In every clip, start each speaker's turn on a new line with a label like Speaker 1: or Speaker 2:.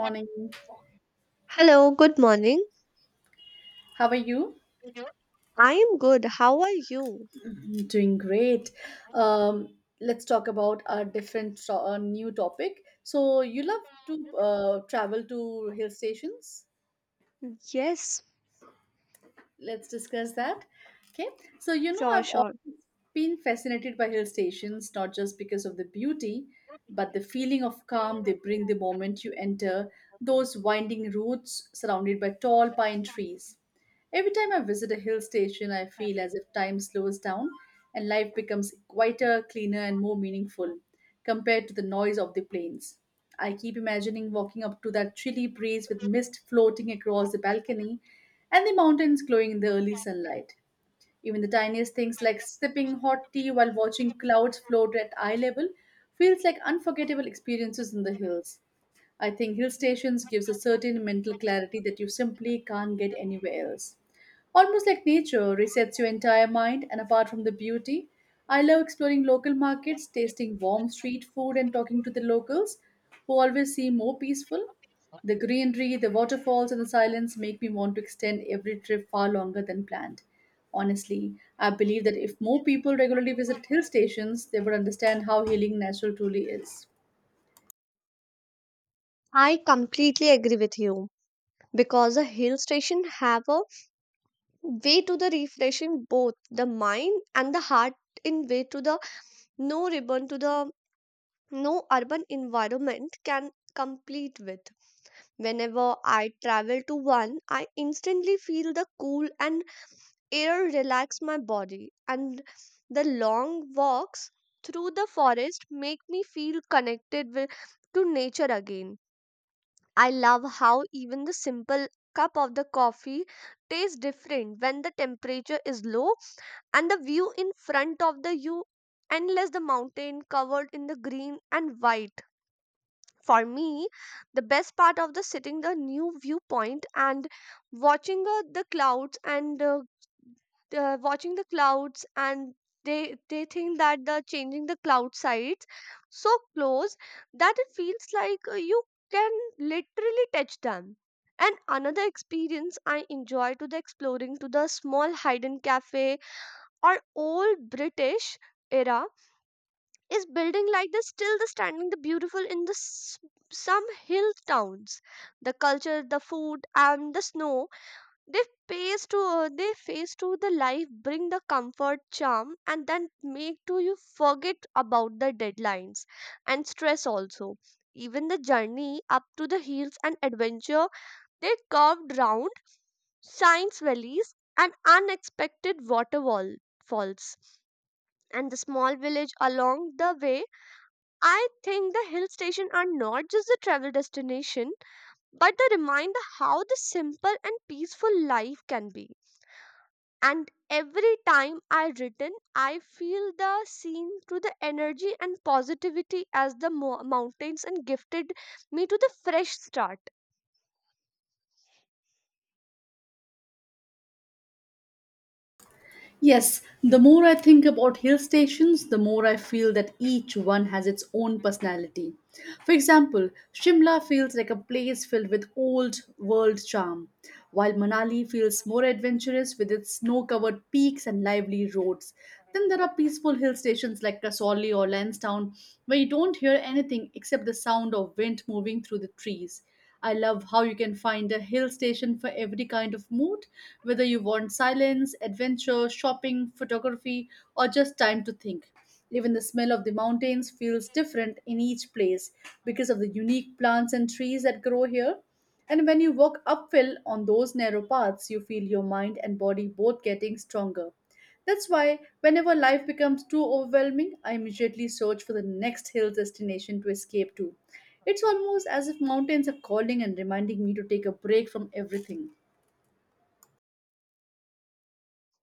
Speaker 1: Morning.
Speaker 2: Hello, good morning.
Speaker 1: How are you?
Speaker 2: I am good. How are you?
Speaker 1: I'm doing great. Let's talk about a new topic. So you love to travel to hill stations.
Speaker 2: Yes,
Speaker 1: Let's discuss that. Okay. So you know
Speaker 2: sure,
Speaker 1: I've
Speaker 2: sure.
Speaker 1: been fascinated by hill stations not just because of the beauty, but the feeling of calm they bring the moment you enter those winding routes surrounded by tall pine trees. Every time I visit a hill station, I feel as if time slows down and life becomes quieter, cleaner, and more meaningful compared to the noise of the plains. I keep imagining walking up to that chilly breeze with mist floating across the balcony and the mountains glowing in the early sunlight. Even the tiniest things like sipping hot tea while watching clouds float at eye level feels like unforgettable experiences in the hills. I think hill stations gives a certain mental clarity that you simply can't get anywhere else. Almost like nature resets your entire mind and apart from the beauty, I love exploring local markets, tasting warm street food and talking to the locals who always seem more peaceful. The greenery, the waterfalls, and the silence make me want to extend every trip far longer than planned. Honestly, I believe that if more people regularly visited hill stations, they would understand how healing natural truly is.
Speaker 2: I completely agree with you because a hill station have a way to the refreshing both the mind and the heart in way to the no ribbon to the no urban environment can complete with. Whenever I travel to one, I instantly feel the cool and air relax my body, and the long walks through the forest make me feel connected to nature again. I love how even the simple cup of the coffee tastes different when the temperature is low, and the view in front of the you endless the mountain covered in the green and white. For me, the best part of the sitting the new viewpoint and watching uh, the clouds and uh, watching the clouds, and they think that the changing the cloud sides so close that it feels like you can literally touch them. And another experience I enjoy to the exploring to the small hidden cafe or old British era is building like this still the standing the beautiful in the some hill towns. The culture, the food, and the snow, they they face to the life bring the comfort charm, and then make to you forget about the deadlines and stress also. Even the journey up to the hills and adventure, they curved round science valleys and unexpected waterfall falls and the small village along the way. I think the hill stations are not just a travel destination, but the reminder how the simple and peaceful life can be. And every time I return, I feel the scene through the energy and positivity as the mountains and gifted me to the fresh start.
Speaker 1: Yes, the more I think about hill stations, the more I feel that each one has its own personality. For example, Shimla feels like a place filled with old world charm, while Manali feels more adventurous with its snow covered peaks and lively roads. Then there are peaceful hill stations like Kasauli or Lansdowne where you don't hear anything except the sound of wind moving through the trees. I love how you can find a hill station for every kind of mood, whether you want silence, adventure, shopping, photography, or just time to think. Even the smell of the mountains feels different in each place because of the unique plants and trees that grow here. And when you walk uphill on those narrow paths, you feel your mind and body both getting stronger. That's why, whenever life becomes too overwhelming, I immediately search for the next hill destination to escape to. It's almost as if mountains are calling and reminding me to take a break from everything.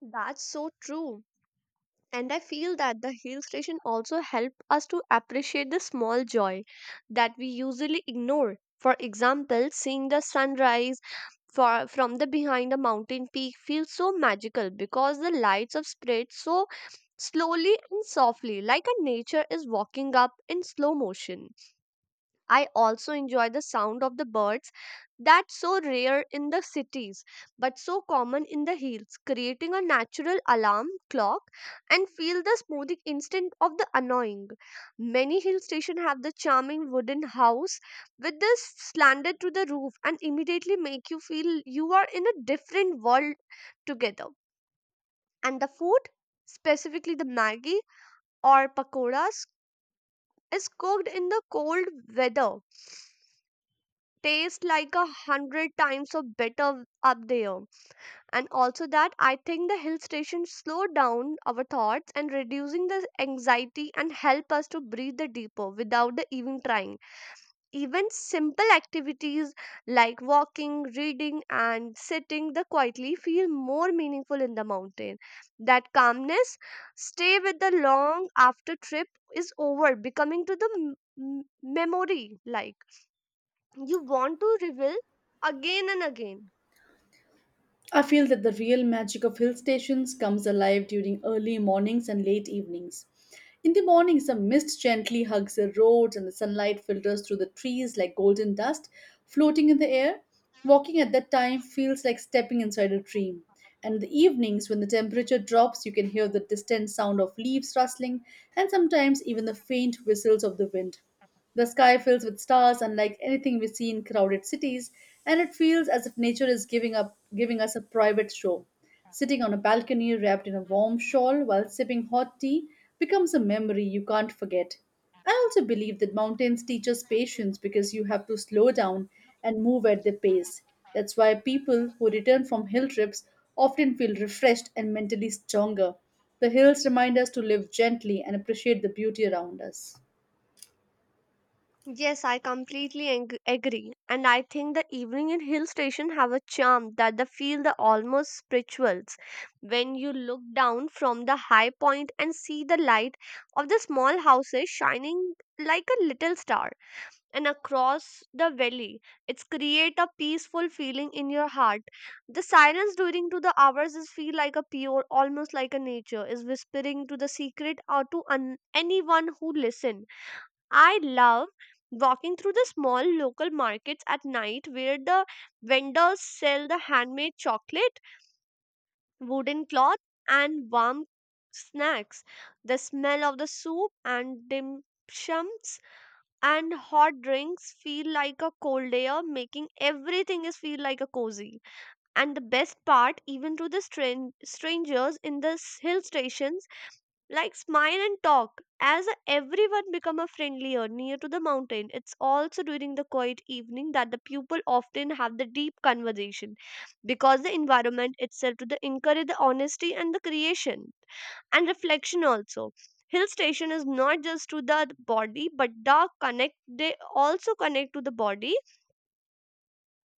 Speaker 2: That's so true. And I feel that the hill station also help us to appreciate the small joy that we usually ignore. For example, seeing the sunrise from the behind a mountain peak feels so magical because the lights of spread so slowly and softly like a nature is walking up in slow motion. I also enjoy the sound of the birds that's so rare in the cities but so common in the hills, creating a natural alarm clock and feel the smoothing instant of the annoying. Many hill stations have the charming wooden house with the slanted to the roof and immediately make you feel you are in a different world together. And the food, specifically the Maggi or pakoras, is cooked in the cold weather taste like a hundred times of better up there. And also that I think the hill station slow down our thoughts and reducing the anxiety and help us to breathe the deeper without the even trying. Even simple activities like walking, reading, and sitting the quietly feel more meaningful in the mountain. That calmness stay with the long after trip is over, becoming to the memory like you want to reveal again and again.
Speaker 1: I feel that the real magic of hill stations comes alive during early mornings and late evenings. In the mornings, the mist gently hugs the roads and the sunlight filters through the trees like golden dust floating in the air. Walking at that time feels like stepping inside a dream. And in the evenings, when the temperature drops, you can hear the distant sound of leaves rustling and sometimes even the faint whistles of the wind. The sky fills with stars, unlike anything we see in crowded cities, and it feels as if nature is giving up giving us a private show. Sitting on a balcony wrapped in a warm shawl while sipping hot tea becomes a memory you can't forget. I also believe that mountains teach us patience because you have to slow down and move at their pace. That's why people who return from hill trips often feel refreshed and mentally stronger. The hills remind us to live gently and appreciate the beauty around us.
Speaker 2: Yes, I completely agree, and I think the evening in hill station have a charm that the feel the almost spirituals when you look down from the high point and see the light of the small houses shining like a little star and across the valley. It's create a peaceful feeling in your heart. The silence during to the hours is feel like a pure, almost like a nature is whispering to the secret or to anyone who listen. I love walking through the small local markets at night where the vendors sell the handmade chocolate, wooden cloth, and warm snacks. The smell of the soup and dim shums and hot drinks feel like a cold air making everything is feel like a cozy. And the best part, even to the strangers in the hill station, like smile and talk as everyone become a friendlier near to the mountain. It's also during the quiet evening that the people often have the deep conversation because the environment itself to the encourage the honesty and the creation and reflection also. Hill station is not just to the body but the connect, they also connect to the body,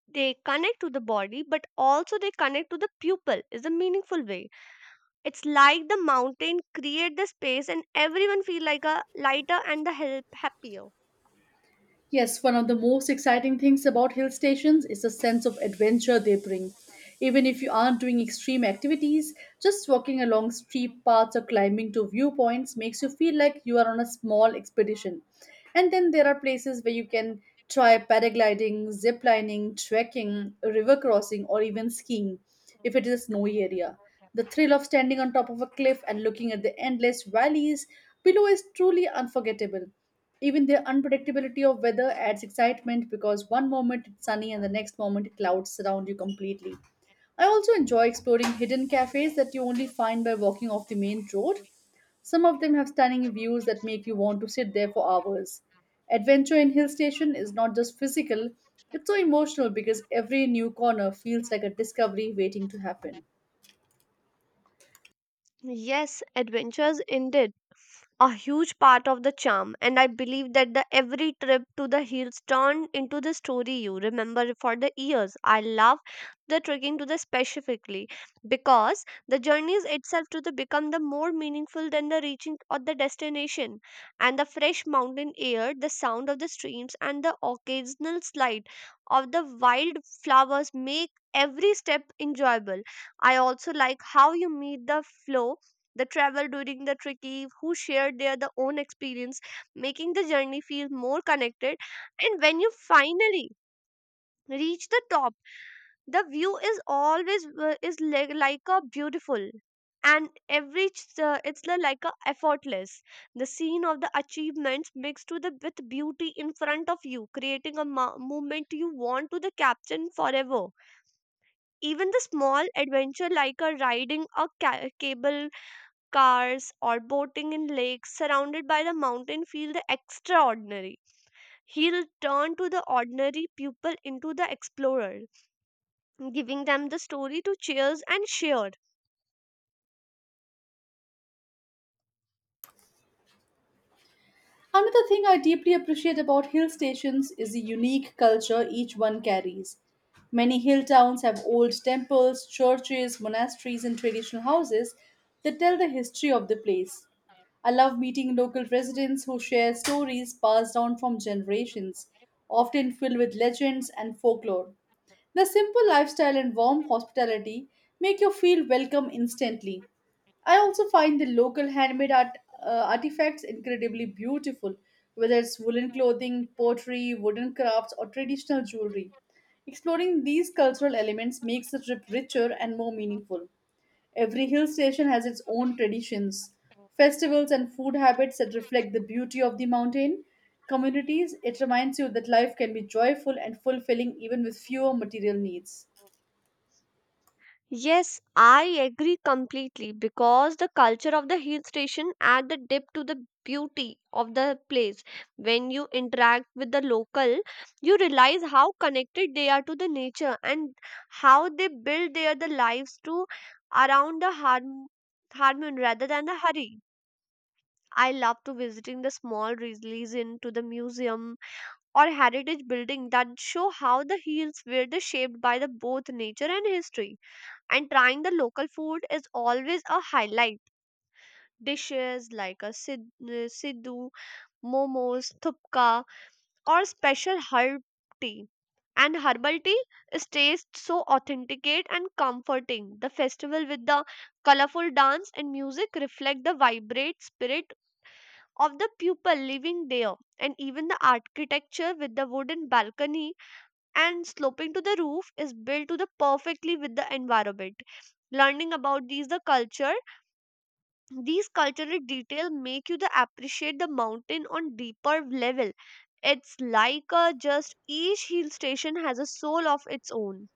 Speaker 2: they connect to the body but also they connect to the pupil is a meaningful way. It's like the mountain create the space and everyone feel like a lighter and the help happier.
Speaker 1: Yes, one of the most exciting things about hill stations is the sense of adventure they bring. Even if you aren't doing extreme activities, just walking along steep paths or climbing to viewpoints makes you feel like you are on a small expedition. And then there are places where you can try paragliding, zip lining, trekking, river crossing, or even skiing if it is a snowy area. The thrill of standing on top of a cliff and looking at the endless valleys below is truly unforgettable. Even the unpredictability of weather adds excitement because one moment it's sunny and the next moment clouds surround you completely. I also enjoy exploring hidden cafes that you only find by walking off the main road. Some of them have stunning views that make you want to sit there for hours. Adventure in hill station is not just physical, it's so emotional because every new corner feels like a discovery waiting to happen.
Speaker 2: Yes, adventures indeed. A huge part of the charm, and I believe that the every trip to the hills turned into the story you remember for the years. I love the trekking to the specifically because the journeys itself to the become the more meaningful than the reaching of the destination, and the fresh mountain air, the sound of the streams, and the occasional slide of the wild flowers make every step enjoyable. I also like how you meet the flow, the travel during the tricky who shared their the own experience, making the journey feel more connected. And when you finally reach the top, the view is always is like, a beautiful, and every it's the like a effortless. The scene of the achievements mixed to the with beauty in front of you creating a moment you want to the captain forever. Even the small adventure like a riding a cable cars or boating in lakes surrounded by the mountain feel the extraordinary. He'll turn to the ordinary people into the explorer, giving them the story to cheers and share.
Speaker 1: Another thing I deeply appreciate about hill stations is the unique culture each one carries. Many hill towns have old temples, churches, monasteries, and traditional houses that tell the history of the place. I love meeting local residents who share stories passed down from generations, often filled with legends and folklore. The simple lifestyle and warm hospitality make you feel welcome instantly. I also find the local handmade art, artifacts incredibly beautiful, whether it's woolen clothing, pottery, wooden crafts, or traditional jewelry. Exploring these cultural elements makes the trip richer and more meaningful. Every hill station has its own traditions, festivals, and food habits that reflect the beauty of the mountain communities. It reminds you that life can be joyful and fulfilling even with fewer material needs.
Speaker 2: Yes, I agree completely because the culture of the hill station add the depth to the beauty of the place. When you interact with the local, you realize how connected they are to the nature and how they build their the lives to around the harmony rather than the hurry. I love to visiting the small region to the museum or heritage building that show how the hills were the shaped by the both nature and history, and trying the local food is always a highlight. Dishes like a siddu, momos, thupka, or special herb tea. And herbal tea is taste so authenticate and comforting. The festival with the colorful dance and music reflect the vibrant spirit of the people living there. And even the architecture with the wooden balcony and sloping to the roof is built to the perfectly with the environment. Learning about these the culture, these cultural detail make you the appreciate the mountain on deeper level. It's like a just each hill station has a soul of its own.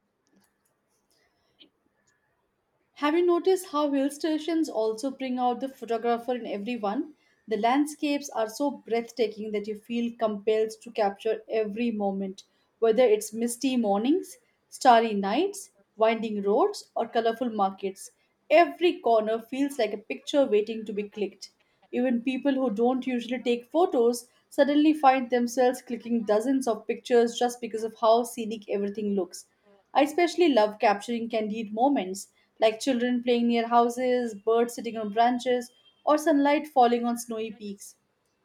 Speaker 1: Have you noticed how hill stations also bring out the photographer in everyone? The landscapes are so breathtaking that you feel compelled to capture every moment, whether it's misty mornings, starry nights, winding roads, or colorful markets. Every corner feels like a picture waiting to be clicked. Even people who don't usually take photos suddenly find themselves clicking dozens of pictures just because of how scenic everything looks. I especially love capturing candid moments like children playing near houses, birds sitting on branches, or sunlight falling on snowy peaks.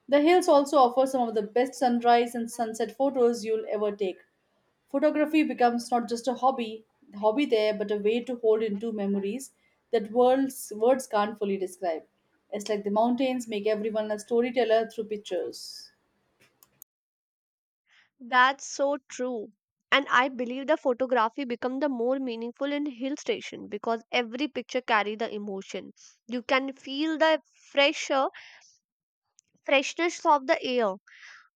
Speaker 1: The hills also offer some of the best sunrise and sunset photos you'll ever take. Photography becomes not just a hobby there, but a way to hold into memories that words can't fully describe. It's like the mountains make everyone a storyteller through pictures.
Speaker 2: That's so true, and I believe the photography become the more meaningful in hill station because every picture carry the emotion. You can feel the fresher freshness of the air,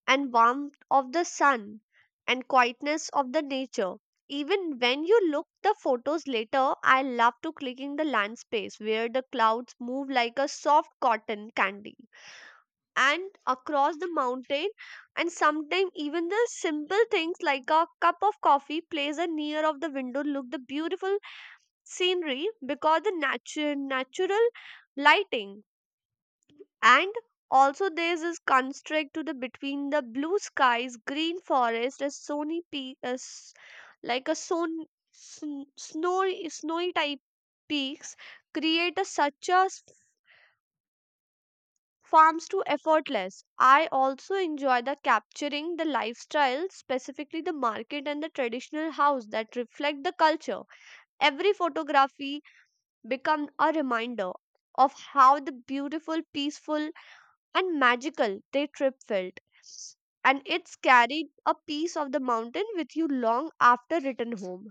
Speaker 2: and warmth of the sun, and quietness of the nature, even when you look the photos later. I love to click in the land space where the clouds move like a soft cotton candy and across the mountain. And sometimes even the simple things like a cup of coffee plays a near of the window look the beautiful scenery because the natural lighting. And also there's this construct to the between the blue skies, green forest, a sony peak as like a son, sn- snowy snowy type peaks create a such a farms to effortless. I also enjoy the capturing the lifestyle specifically the market and the traditional house that reflect the culture. Every photography become a reminder of how the beautiful peaceful and magical their trip felt. And it's carried a piece of the mountain with you long after return home.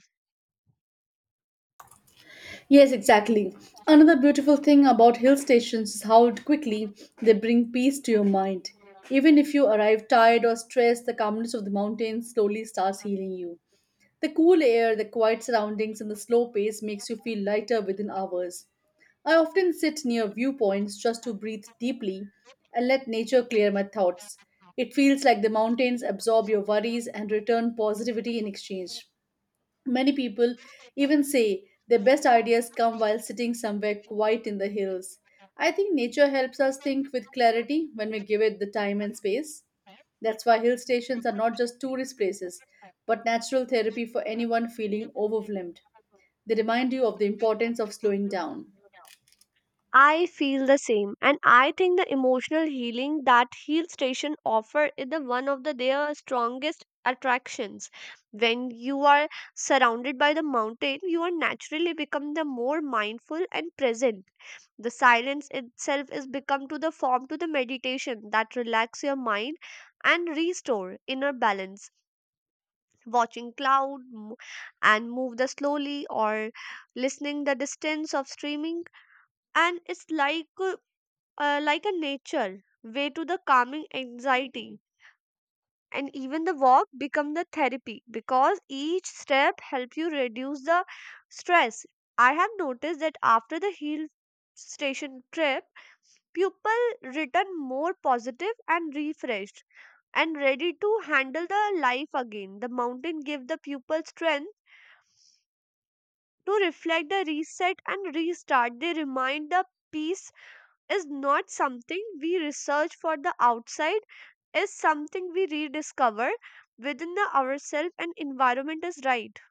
Speaker 1: Yes, exactly. Another beautiful thing about hill stations is how quickly they bring peace to your mind. Even if you arrive tired or stressed, the calmness of the mountains slowly starts healing you. The cool air, the quiet surroundings, and the slow pace makes you feel lighter within hours. I often sit near viewpoints just to breathe deeply and let nature clear my thoughts. It feels like the mountains absorb your worries and return positivity in exchange. Many people even say their best ideas come while sitting somewhere quiet in the hills. I think nature helps us think with clarity when we give it the time and space. That's why hill stations are not just tourist places, but natural therapy for anyone feeling overwhelmed. They remind you of the importance of slowing down.
Speaker 2: I feel the same, and I think the emotional healing that hill station offer is the one of the their strongest attractions. When you are surrounded by the mountain, you are naturally become the more mindful and present. The silence itself is become to the form to the meditation that relax your mind and restore inner balance. Watching cloud and move the slowly or listening the distance of streaming, and it's like a nature way to the calming anxiety. And even the walk become the therapy because each step help you reduce the stress. I have noticed that after the hill station trip, people return more positive and refreshed and ready to handle the life again. The mountain give the pupil strength to reflect the reset and restart. They remind the peace is not something we research for the outside, is something we rediscover within the ourselves and environment is right.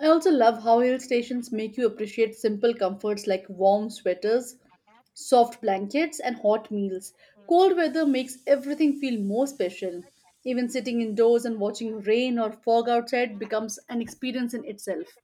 Speaker 1: I also love how hill stations make you appreciate simple comforts like warm sweaters, soft blankets, and hot meals. Cold weather makes everything feel more special. Even sitting indoors and watching rain or fog outside becomes an experience in itself.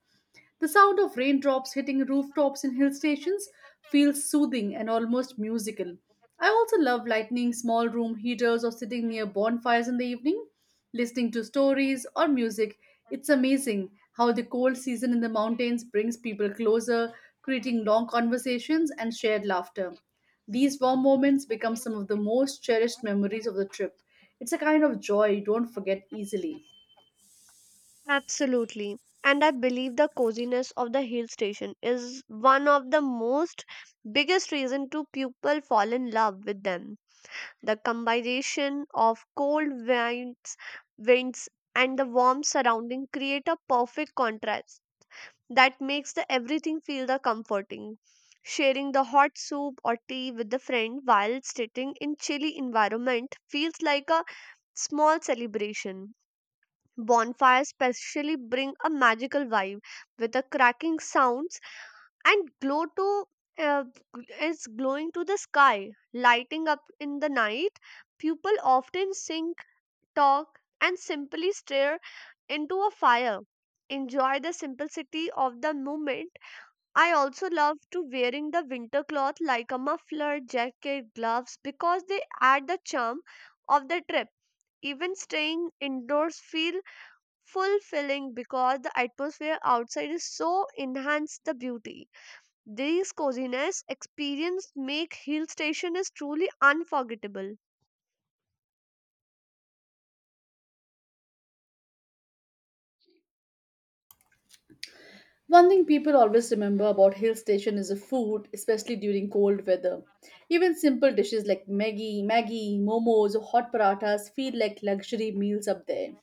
Speaker 1: The sound of raindrops hitting rooftops in hill stations feels soothing and almost musical. I also love lighting small room heaters or sitting near bonfires in the evening, listening to stories or music. It's amazing how the cold season in the mountains brings people closer, creating long conversations and shared laughter. These warm moments become some of the most cherished memories of the trip. It's a kind of joy you don't forget easily.
Speaker 2: Absolutely. And I believe the coziness of the hill station is one of the most biggest reason to people fall in love with them. The combination of cold winds and the warm surrounding create a perfect contrast that makes the everything feel the comforting. Sharing the hot soup or tea with the friend while sitting in chilly environment feels like a small celebration. Bonfires especially bring a magical vibe with the cracking sounds and glow to uh, is glowing to the sky, lighting up in the night. People often sing, talk, and simply stare into a fire, enjoy the simplicity of the moment. I also love to wearing the winter cloth like a muffler, jacket, gloves because they add the charm of the trip. Even staying indoors feel fulfilling because the atmosphere outside is so enhance the beauty. These coziness experience make hill station is truly unforgettable.
Speaker 1: One thing people always remember about hill station is the food, especially during cold weather. Even simple dishes like Maggi, momos, or hot parathas feel like luxury meals up there.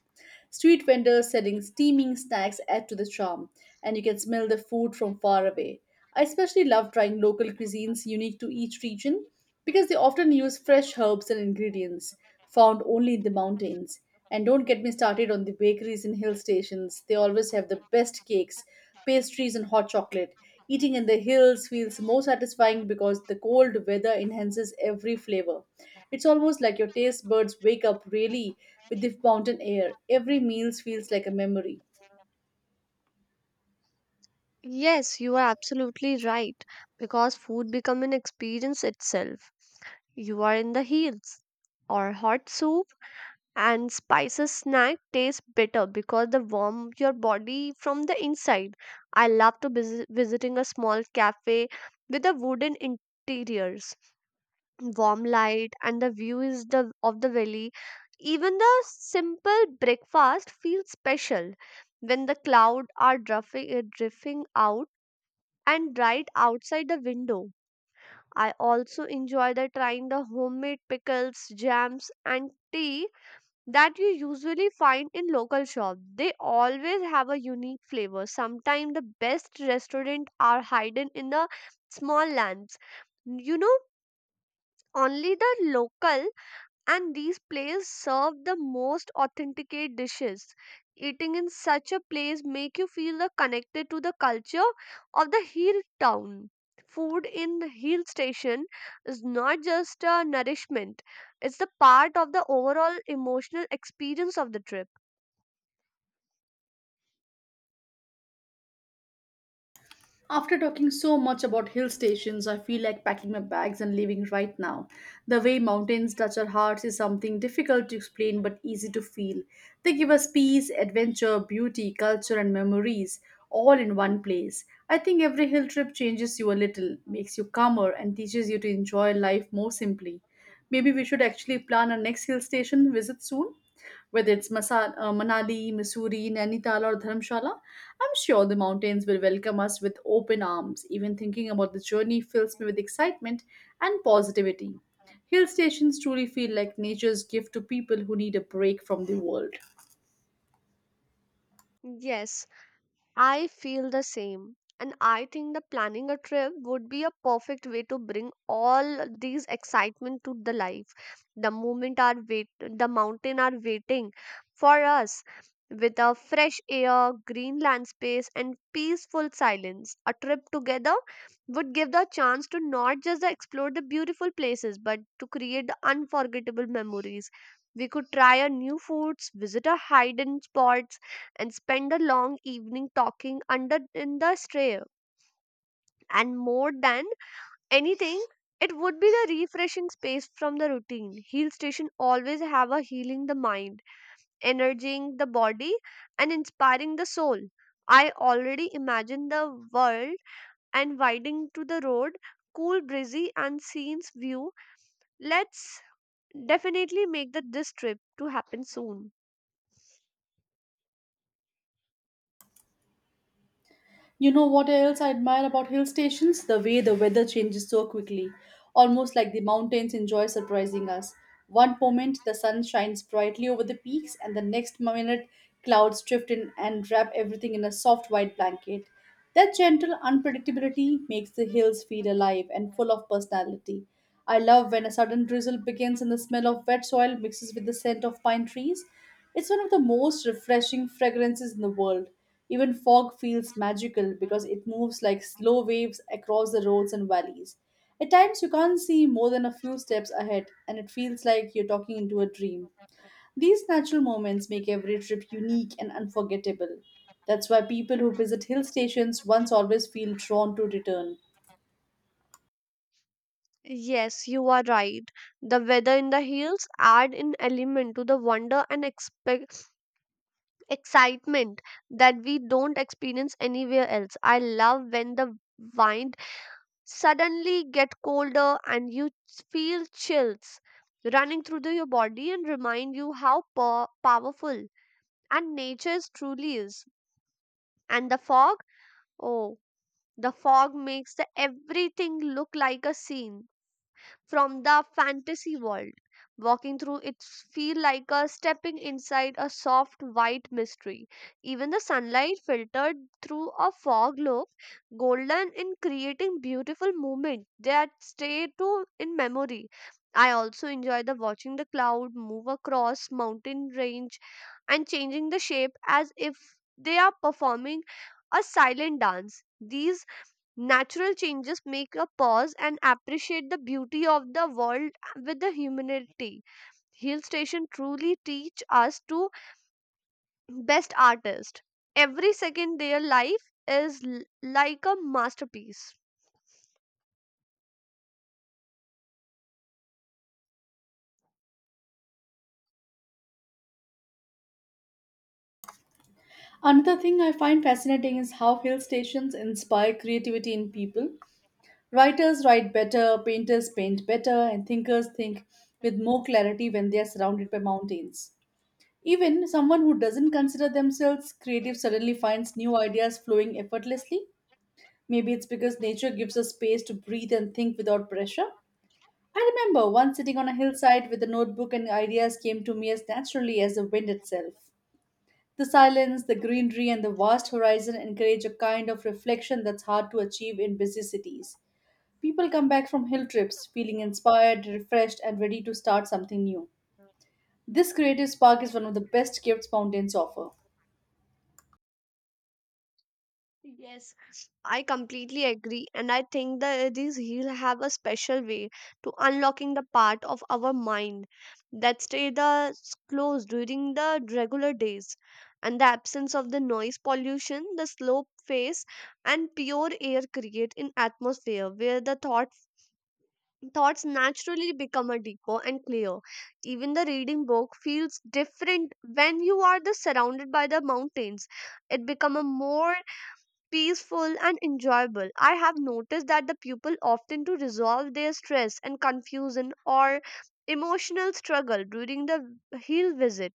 Speaker 1: Street vendors selling steaming snacks add to the charm, and you can smell the food from far away. I especially love trying local cuisines unique to each region because they often use fresh herbs and ingredients found only in the mountains. And don't get me started on the bakeries in hill stations, they always have the best cakes, pastries, and hot chocolate. Eating in the hills feels more satisfying because the cold weather enhances every flavor. It's almost like your taste buds wake up really with the mountain air. Every meal feels like a memory.
Speaker 2: Yes, you are absolutely right because food become an experience itself. You are in the hills or hot soup and spices snack taste better because they warm your body from the inside. I love to visiting a small cafe with the wooden interiors, warm light and the view is the of the valley. Even the simple breakfast feels special when the cloud are drifting out and right outside the window. I also enjoy the trying the homemade pickles, jams and tea that you usually find in local shops. They always have a unique flavor. Sometimes the best restaurants are hidden in the small lands. You know, only the local, and these places serve the most authenticate dishes. Eating in such a place make you feel the connected to the culture of the hill town. Food in the hill station is not just a nourishment, it's the part of the overall emotional experience of the trip.
Speaker 1: After talking so much about hill stations, I feel like packing my bags and leaving right now. The way mountains touch our hearts is something difficult to explain but easy to feel. They give us peace, adventure, beauty, culture, and memories all in one place. I think every hill trip changes you a little, makes you calmer, and teaches you to enjoy life more simply. Maybe we should actually plan our next hill station visit soon. Whether it's Manali, Missouri, Nainital, or Dharamshala, I'm sure the mountains will welcome us with open arms. Even thinking about the journey fills me with excitement and positivity. Hill stations truly feel like nature's gift to people who need a break from the world.
Speaker 2: Yes, I feel the same. And I think the planning a trip would be a perfect way to bring all these excitement to the life. The mountain are waiting for us with a fresh air, green land space and peaceful silence. A trip together would give the chance to not just explore the beautiful places but to create the unforgettable memories. We could try a new foods, visit a hidden spots and spend a long evening talking under in the stray. And more than anything, it would be the refreshing space from the routine. Hill station always have a healing the mind, energizing the body, and inspiring the soul. I already imagine the world and widening to the road, cool breezy and scenes view. Let's definitely make this trip to happen soon.
Speaker 1: You know what else I admire about hill stations? The way the weather changes so quickly, almost like the mountains enjoy surprising us. One moment the sun shines brightly over the peaks, and the next minute clouds drift in and wrap everything in a soft white blanket. That gentle unpredictability makes the hills feel alive and full of personality. I love when a sudden drizzle begins and the smell of wet soil mixes with the scent of pine trees. It's one of the most refreshing fragrances in the world. Even fog feels magical because it moves like slow waves across the roads and valleys. At times, you can't see more than a few steps ahead, and it feels like you're talking into a dream. These natural moments make every trip unique and unforgettable. That's why people who visit hill stations once always feel drawn to return.
Speaker 2: Yes, you are right. The weather in the hills add an element to the wonder and expect excitement that we don't experience anywhere else. I love when the wind suddenly get colder and you feel chills running through your body and remind you how powerful and nature is truly is. And the fog, oh, the fog makes the everything look like a scene from the fantasy world. Walking through it feel like a stepping inside a soft white mystery. Even the sunlight filtered through a fog loop, golden in creating beautiful movement that stay to in memory. I also enjoy the watching the cloud move across mountain range and changing the shape as if they are performing a silent dance. These natural changes make a pause and appreciate the beauty of the world with the humanity. Hill station truly teach us to best artist. Every second their life is like a masterpiece.
Speaker 1: Another thing I find fascinating is how hill stations inspire creativity in people. Writers write better, painters paint better, and thinkers think with more clarity when they are surrounded by mountains. Even someone who doesn't consider themselves creative suddenly finds new ideas flowing effortlessly. Maybe it's because nature gives us space to breathe and think without pressure. I remember once sitting on a hillside with a notebook, and ideas came to me as naturally as the wind itself. The silence, the greenery, and the vast horizon encourage a kind of reflection that's hard to achieve in busy cities. People come back from hill trips feeling inspired, refreshed, and ready to start something new. This creative spark is one of the best gifts mountains offer.
Speaker 2: Yes, I completely agree, and I think that these heels have a special way to unlocking the part of our mind that stay the closed during the regular days. And the absence of the noise pollution, the slow pace, and pure air create an atmosphere where thoughts naturally become a deeper and clear. Even the reading book feels different when you are the surrounded by the mountains. It become a more peaceful and enjoyable. I have noticed that the people often to resolve their stress and confusion or emotional struggle during the hill visit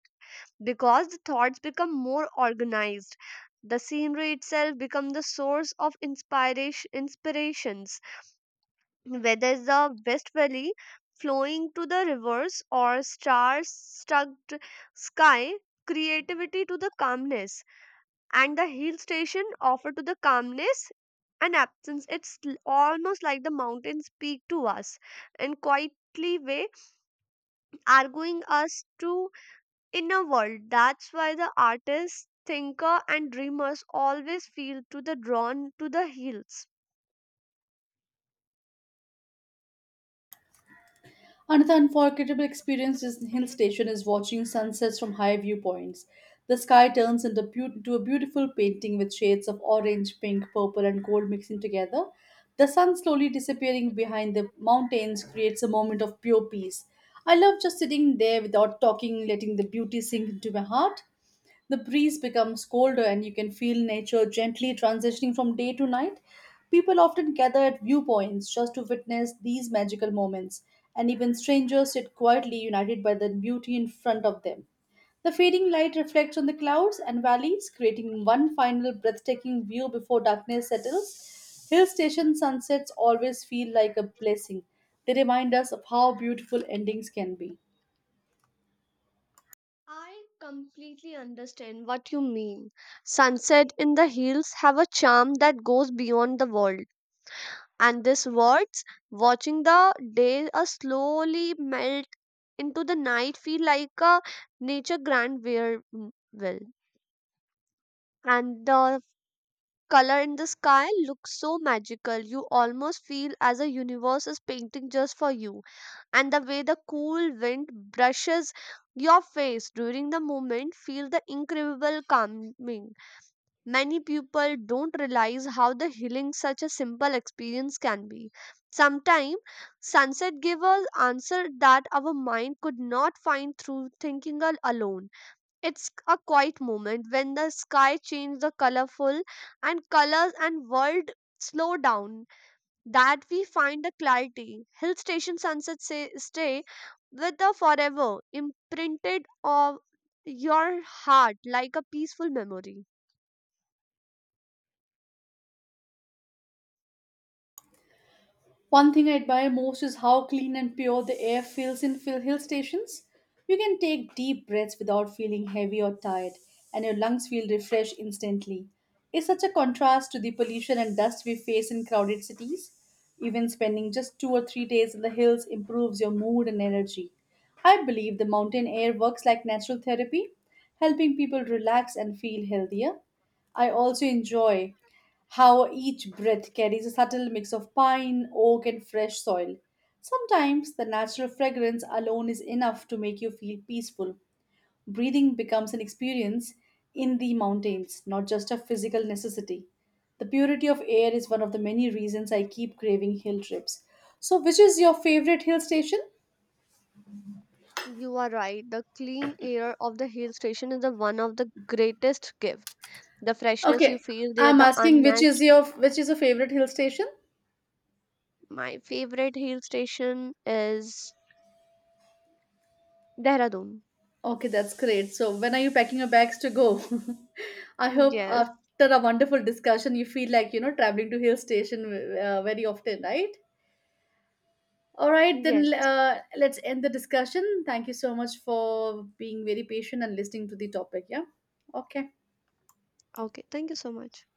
Speaker 2: because the thoughts become more organized. The scenery itself becomes the source of inspirations, whether it's the West Valley flowing to the rivers or stars struck sky, creativity to the calmness and the hill station offer to the calmness and absence almost like the mountains speak to us in quietly way, arguing us to inner world. That's why the artists, thinker and dreamers always feel to the drawn to the hills.
Speaker 1: Another unforgettable experience in hill station is watching sunsets from high viewpoints. The sky turns into a beautiful painting with shades of orange, pink, purple, and gold mixing together. The sun slowly disappearing behind the mountains creates a moment of pure peace. I love just sitting there without talking, letting the beauty sink into my heart. The breeze becomes colder, and you can feel nature gently transitioning from day to night. People often gather at viewpoints just to witness these magical moments, and even strangers sit quietly united by the beauty in front of them. The fading light reflects on the clouds and valleys, creating one final breathtaking view before darkness settles. Hill station sunsets always feel like a blessing. They remind us of how beautiful endings can be.
Speaker 2: I completely understand what you mean. Sunset in the hills have a charm that goes beyond the world. And these words, watching the day slowly melt into the night feel like a nature grand where well, and the color in the sky looks so magical you almost feel as a universe is painting just for you. And the way the cool wind brushes your face during the moment feel the incredible calming. Many people don't realize how the healing such a simple experience can be. Sometimes sunset give us answer that our mind could not find through thinking alone. It's a quiet moment when the sky changes the colorful and colors and world slow down that we find the clarity. Hill station sunset stay with the forever imprinted of your heart like a peaceful memory.
Speaker 1: One thing I admire most is how clean and pure the air feels in hill stations. You can take deep breaths without feeling heavy or tired, and your lungs feel refreshed instantly. It's such a contrast to the pollution and dust we face in crowded cities. Even spending just 2 or 3 days in the hills improves your mood and energy. I believe the mountain air works like natural therapy, helping people relax and feel healthier. I also enjoy how each breath carries a subtle mix of pine, oak, and fresh soil. Sometimes the natural fragrance alone is enough to make you feel peaceful. Breathing becomes an experience in the mountains, not just a physical necessity. The purity of air is one of the many reasons I keep craving hill trips. So, which is your favorite hill station?
Speaker 2: You are right. The clean air of the hill station is the one of the greatest gift. The freshness you
Speaker 1: Okay,
Speaker 2: feel there,
Speaker 1: I'm
Speaker 2: the
Speaker 1: asking
Speaker 2: unmatched.
Speaker 1: which is your favorite hill station?
Speaker 2: My favorite hill station is Dehradun.
Speaker 1: Okay, that's great. So, when are you packing your bags to go? I hope
Speaker 2: Yes,
Speaker 1: after a wonderful discussion, you feel like traveling to hill station very often, right? All right,
Speaker 2: yes.
Speaker 1: then let's end the discussion. Thank you so much for being very patient and listening to the topic. Yeah. Okay.
Speaker 2: Okay, thank you so much.